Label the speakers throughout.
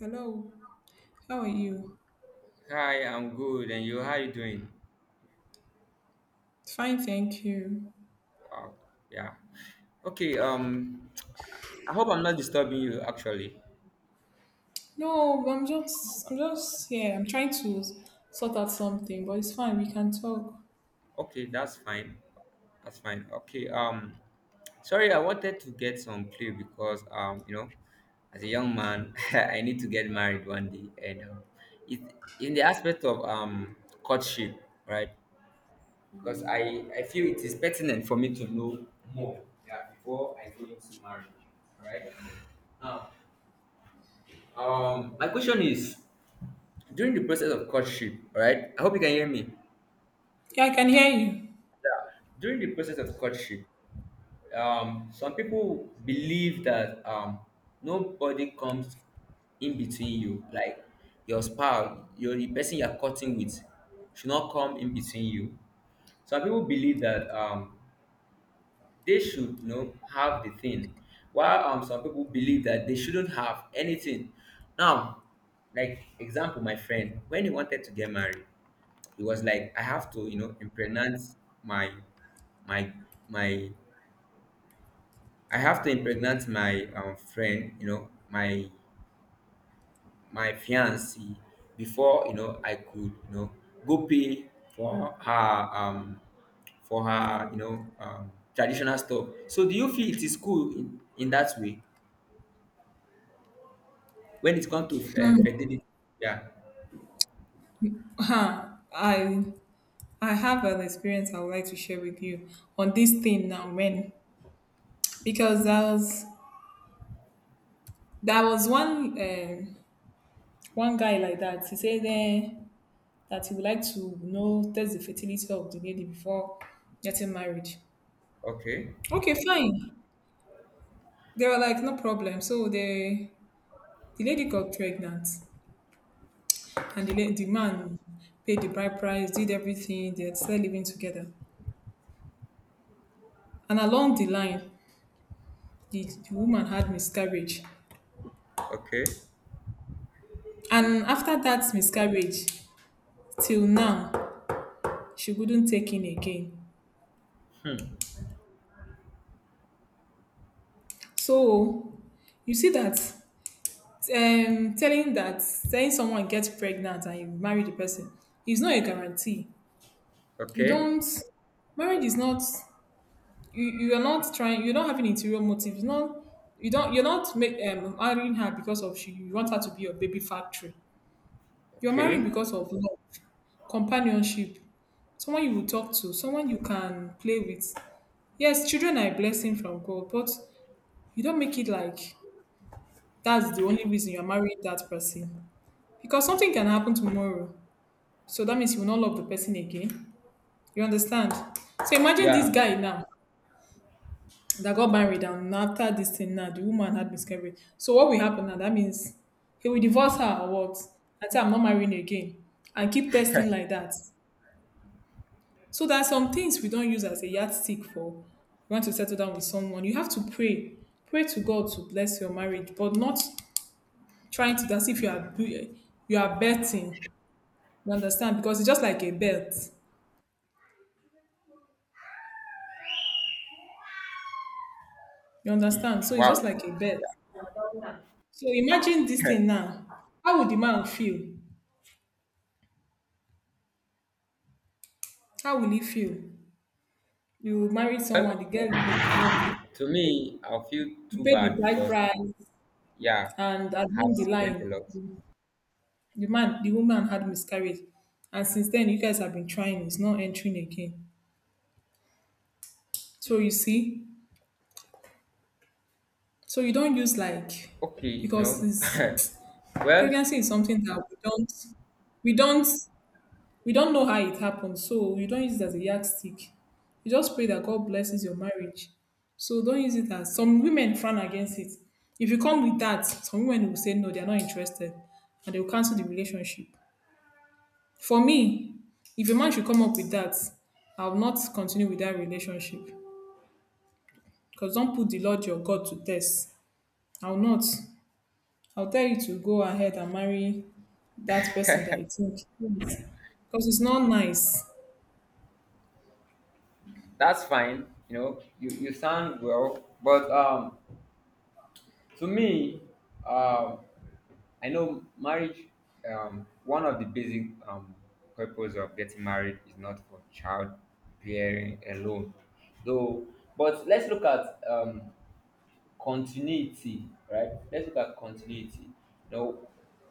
Speaker 1: Hello, how are you?
Speaker 2: Hi, I'm good, and you? How you doing?
Speaker 1: Fine, thank you.
Speaker 2: Wow, yeah. Okay, I hope I'm not disturbing you actually.
Speaker 1: No, I'm just, yeah, I'm trying to sort out something, but it's fine. We can talk.
Speaker 2: Okay, that's fine. That's fine. Okay, sorry, I wanted to get some play because, as a young man, I need to get married one day, and it, in the aspect of courtship, right? Because I feel it is pertinent for me to know more, yeah, before I go into marriage, right? Now, my question is, during the process of courtship, all right? I hope you can hear me.
Speaker 1: Yeah, I can hear you.
Speaker 2: Yeah. During the process of courtship, some people believe that nobody comes in between you, like your spouse, your the person you're courting with, should not come in between you. Some people believe that they should, have the thing, while some people believe that they shouldn't have anything. Now, like example, my friend, when he wanted to get married, it was like I have to, impregnate my my my I have to impregnate my friend, my fiancee before I could, go pay for her um for her, traditional stuff. So do you feel it is cool in that way when it comes to fertility? Yeah.
Speaker 1: Huh. I, I have an experience I would like to share with you on this thing now, man. Because there was one, one guy like that. He said eh, that he would like to know test the fertility of the lady before getting married.
Speaker 2: Okay.
Speaker 1: Okay, fine. They were like, no problem. The lady got pregnant, and the man paid the bride price, did everything. They had started living together. And along the line, the, the woman had miscarriage.
Speaker 2: Okay.
Speaker 1: And after that miscarriage, till now, she couldn't take in again.
Speaker 2: Hmm.
Speaker 1: So you see that telling that, telling someone gets pregnant and you marry the person is not a guarantee. You
Speaker 2: Okay.
Speaker 1: don't, marriage is not, you, you are not trying, you're not having interior motives, not, you don't, you're not make, marrying her because of, she, you want her to be your baby factory, you're marrying
Speaker 2: Okay.
Speaker 1: because of love, companionship, someone you will talk to, someone you can play with. Yes, children are a blessing from God, but you don't make it like that's the only reason you're marrying that person, because something can happen tomorrow, so that means you will not love the person again. You understand? So imagine this
Speaker 2: Yeah.
Speaker 1: guy now that got married, and after this thing now the woman had miscarriage, so what will happen now? That means he will divorce her, or what? And say I'm not marrying again, and keep testing like that. So there are some things we don't use as a yardstick for. You want to settle down with someone, you have to pray, pray to God to bless your marriage, but not trying to, as if you are, you are betting. You understand, because it's just like a bet. You understand, so it's just
Speaker 2: Wow.
Speaker 1: like a bet. So imagine this thing now, how would the man feel, how will he feel? You marry someone, the girl, the, you're pre-,
Speaker 2: To me, I feel
Speaker 1: you
Speaker 2: too
Speaker 1: pay the
Speaker 2: bad
Speaker 1: bride
Speaker 2: because,
Speaker 1: price,
Speaker 2: yeah,
Speaker 1: and at the
Speaker 2: I've
Speaker 1: end of the
Speaker 2: spent a
Speaker 1: line,
Speaker 2: lot.
Speaker 1: the man, the woman had miscarriage, and since then you guys have been trying, it's not entering again. So you see, so you don't use like,
Speaker 2: Okay,
Speaker 1: because this
Speaker 2: well,
Speaker 1: pregnancy is something that we don't, we don't know how it happened, so you don't use it as a yardstick. You just pray that God blesses your marriage. So don't use it as, some women frown against it. If you come with that, some women will say no, they are not interested, and they will cancel the relationship. For me, if a man should come up with that, I will not continue with that relationship. Because don't put the Lord your God to test. I will not. I'll tell you to go ahead and marry that person that you think. Because it's not nice.
Speaker 2: that's fine. You sound well, but to me, um, I know marriage. One of the basic purpose of getting married is not for child bearing alone, though. But let's look at continuity, right? Let's look at continuity. Now,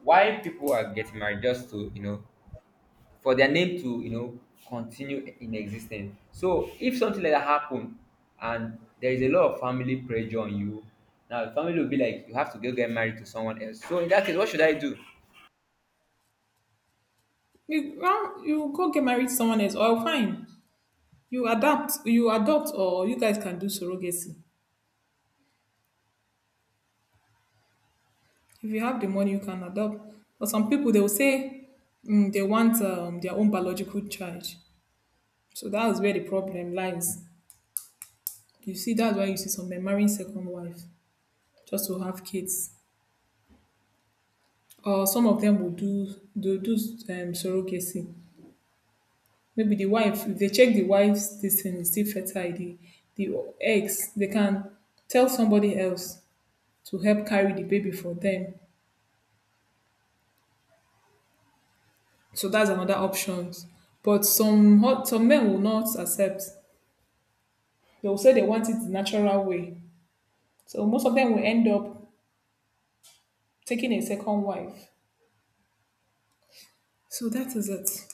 Speaker 2: why people are getting married just to for their name to continue in existence. So if something like that happen and there is a lot of family pressure on you, now the family will be like you have to go get married to someone else. So in that case, what should I do?
Speaker 1: You, well, you go get married to someone else, or fine, you adapt, you adopt, or you guys can do surrogacy. If you have the money, you can adopt. But some people, they will say mm, they want their own biological child, so that is where the problem lies. You see, that's why you see some men marrying second wife just to have kids, or some of them will do surrogacy. Maybe the wife, if they check the wife's this thing is still fertile, the eggs, they can tell somebody else to help carry the baby for them. So that's another option. But some hot, some men will not accept. They will say they want it the natural way. So most of them will end up taking a second wife. So that is it.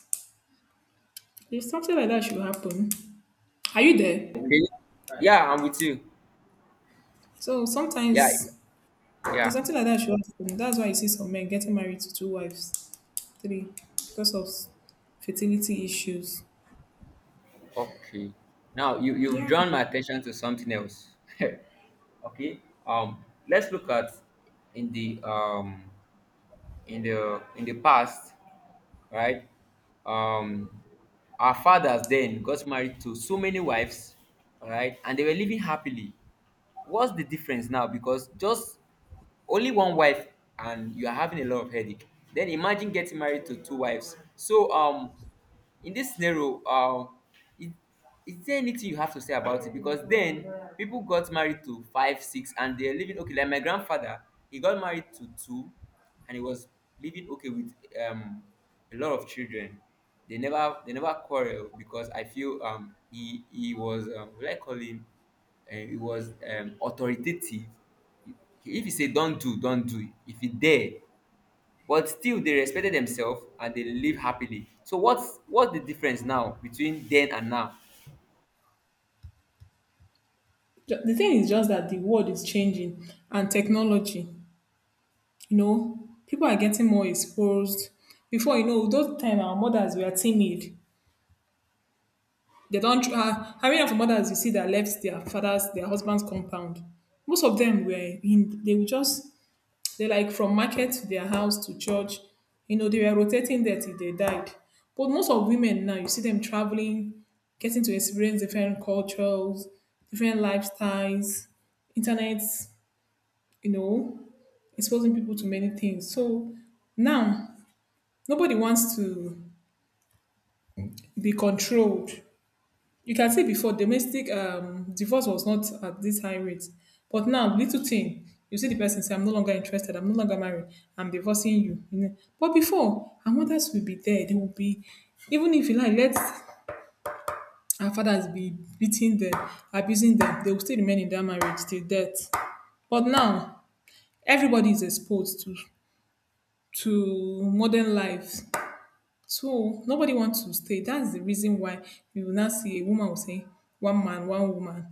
Speaker 1: If something like that should happen, are you there?
Speaker 2: Okay. Yeah, I'm with you.
Speaker 1: So
Speaker 2: Yeah,
Speaker 1: sometimes if
Speaker 2: yeah.
Speaker 1: something like that should happen, that's why you see some men getting married to two wives, three, because of fertility issues.
Speaker 2: Okay. Now you've
Speaker 1: Yeah.
Speaker 2: drawn my attention to something else. Okay. Let's look at in the um in the past, right? Um, our fathers then got married to so many wives, all right, and they were living happily. What's the difference now? Because just only one wife and you are having a lot of headache. Then imagine getting married to two wives. So in this scenario, is is there anything you have to say about it? Because then people got married to five six and they're living okay, like my grandfather, he got married to two and he was living okay with um a lot of children. They never quarrel because I feel he was will I call him he was authoritative. If he say do, not do, do not do, if he dare, but still they respected themselves and they live happily. So what's the difference now between then and now?
Speaker 1: The thing is just that the world is changing and technology, you know, people are getting more exposed. Before you know, those time our mothers were timid. They don't. Tr- How many of mothers you see that left their fathers, their husbands' compound? Most of them were in. They were just, they like from market to their house to church. You know, they were rotating there till they died. But most of women now, you see them traveling, getting to experience different cultures, different lifestyles, internet. You know, exposing people to many things. So now nobody wants to be controlled. You can see before domestic divorce was not at this high rate, but now little thing, you see the person say, "I'm no longer interested. I'm no longer married. I'm divorcing you," you know. But before, our mothers will be there. They will be, even if you like, let our fathers be beating them, abusing them, they will still remain in that marriage till death. But now everybody is exposed to modern life. So nobody wants to stay. That's the reason why you will not see a woman will say, one man, one woman.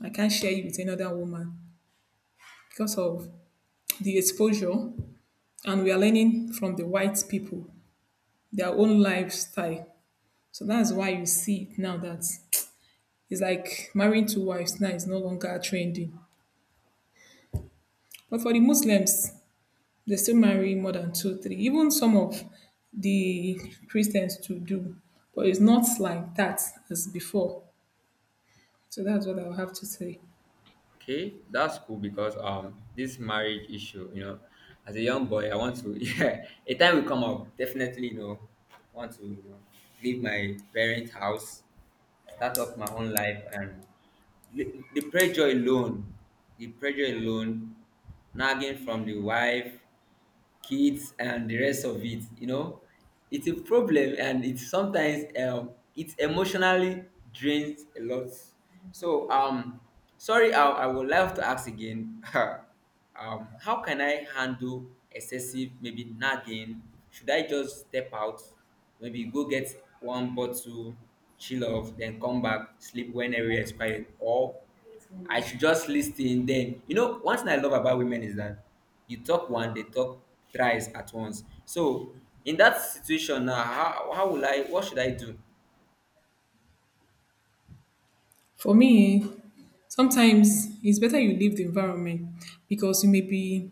Speaker 1: I can't share you with another woman because of the exposure. And we are learning from the white people, their own lifestyle. So that's why you see it now that it's like marrying two wives now is no longer trending. But for the Muslims, they still marry more than two, three. Even some of the Christians to do. But it's not like that as before. So that's what I'll have to say.
Speaker 2: Okay, that's cool because this marriage issue, as a young boy, I want to yeah, a time will come up, definitely, I want to leave my parents' house, start up my own life, and the pressure alone, the pressure alone, nagging from the wife, kids and the rest of it it's a problem, and it sometimes it emotionally drains a lot. So sorry, I would love to ask again. How can I handle excessive maybe nagging? Should I just step out, maybe go get one bottle, chill off, then come back sleep when everywhere is quiet, or I should just listen. Then, one thing I love about women is that you talk one, they talk thrice at once. So in that situation now, how will I? What should I do?
Speaker 1: For me, sometimes it's better you leave the environment, because you may be,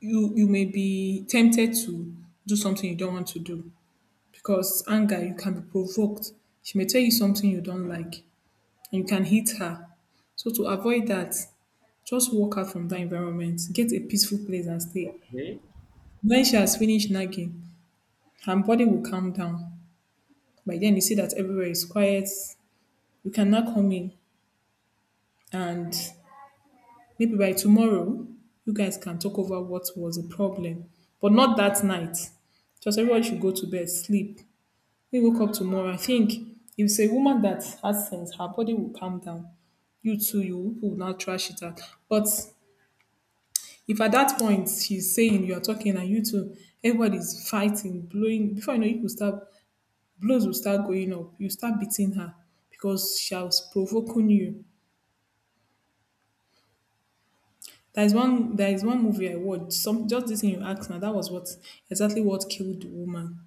Speaker 1: you may be tempted to do something you don't want to do. Because anger, you can be provoked. She may tell you something you don't like, and you can hit her. So to avoid that, just walk out from that environment, get a peaceful place and stay.
Speaker 2: Okay.
Speaker 1: When she has finished nagging, her body will calm down. By then you see that everywhere is quiet. You can now come in, and maybe by tomorrow, you guys can talk over what was the problem, but not that night. Just everyone should go to bed, sleep. We wake up tomorrow. I think if it's a woman that has sense, her body will calm down. You too, you people will not trash it out. But if at that point she's saying, you are talking and you two, everybody's fighting, blowing, before you know, you will start, blows will start going up. You start beating her because she was provoking you. There is one movie I watched. Some, just this thing you asked now, that was what, exactly what killed the woman.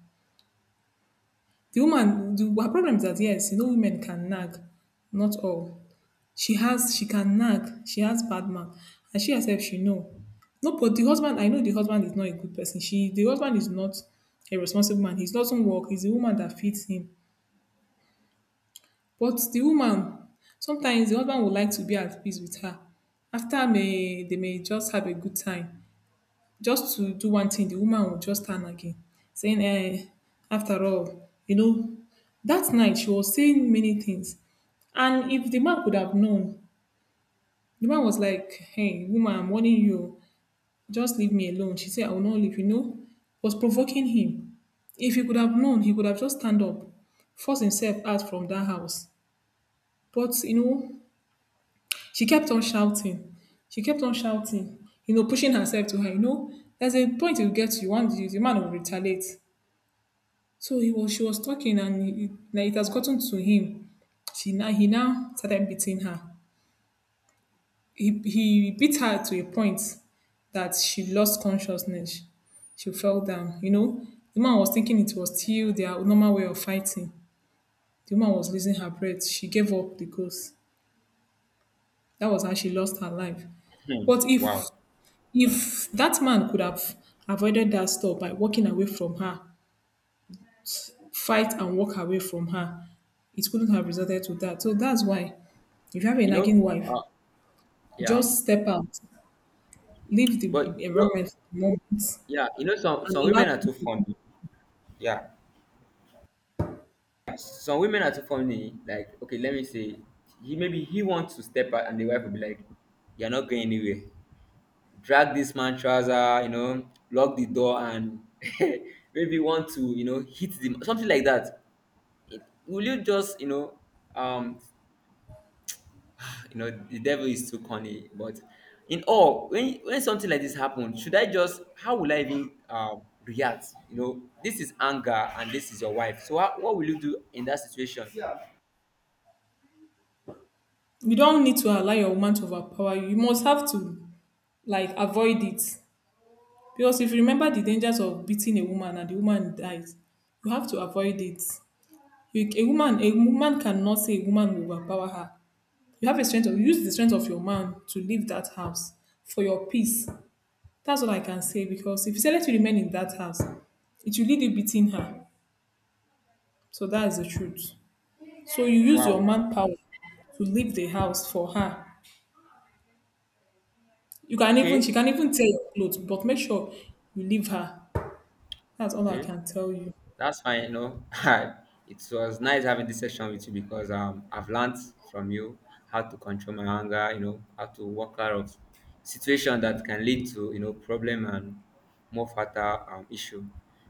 Speaker 1: The woman, the, her problem is that, yes, you know women can nag, not all. She has, she can nag, she has bad man, and she herself she know. No, but the husband, I know the husband is not a good person. She, the husband is not a responsible man. He doesn't work, it's the woman that feeds him. But the woman, sometimes the husband would like to be at peace with her. After may, they may just have a good time, just to do one thing, the woman will just turn again, saying, eh, after all, you know, that night she was saying many things. And if the man could have known, the man was like, hey, woman, I'm warning you, just leave me alone. She said, I will not leave, you know, was provoking him. If he could have known, he could have just stand up, forced himself out from that house. But, you know, she kept on shouting. You know, pushing herself to her, you know, there's a point you get to, you want, the man will retaliate. So he was, she was talking and he, like it has gotten to him. She now He now started beating her. He beat her to a point that she lost consciousness. She fell down. You know, the man was thinking it was still their normal way of fighting. The woman was losing her breath. She gave up the ghost. That was how she lost her life. But if
Speaker 2: Wow.
Speaker 1: if that man could have avoided that, stop by walking away from her, fight and walk away from her, it couldn't have resulted to that. So that's why if you have a
Speaker 2: You know.
Speaker 1: nagging wife,
Speaker 2: Uh, yeah.
Speaker 1: just step out, leave the
Speaker 2: But
Speaker 1: environment for the moment and
Speaker 2: yeah. Some
Speaker 1: allow
Speaker 2: women are
Speaker 1: things
Speaker 2: too
Speaker 1: to be.
Speaker 2: funny. Yeah. Some women are too funny. Like, okay, let me say, he maybe he wants to step out, and the wife will be like, "You're not going anywhere." Drag this man trouser, lock the door and maybe want to, hit the something like that. Will you just, um, the devil is too cunning. But in all, when something like this happens, should I just how will I even react? This is anger and this is your wife. So what will you do in that situation?
Speaker 1: You don't need to allow your woman to overpower you. You must have to, like, avoid it. Because if you remember the dangers of beating a woman and the woman dies, you have to avoid it. You, a woman cannot say a woman will overpower her. You have a strength of, use the strength of your man to leave that house for your peace. That's all I can say, because if you tell her to remain in that house, it will lead you beating her. So that is the truth. So you use your
Speaker 2: Wow.
Speaker 1: manpower to leave the house for her. You can even, she
Speaker 2: Okay.
Speaker 1: can even tear your clothes, but make sure you leave her. That's all I
Speaker 2: Okay.
Speaker 1: can tell you.
Speaker 2: That's fine. It was nice having this session with you because I've learned from you how to control my anger, how to work out of situation that can lead to, problem and more fatal issue.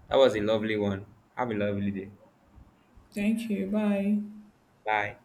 Speaker 2: That was a lovely one. Have a lovely day.
Speaker 1: Thank you. Bye.
Speaker 2: Bye.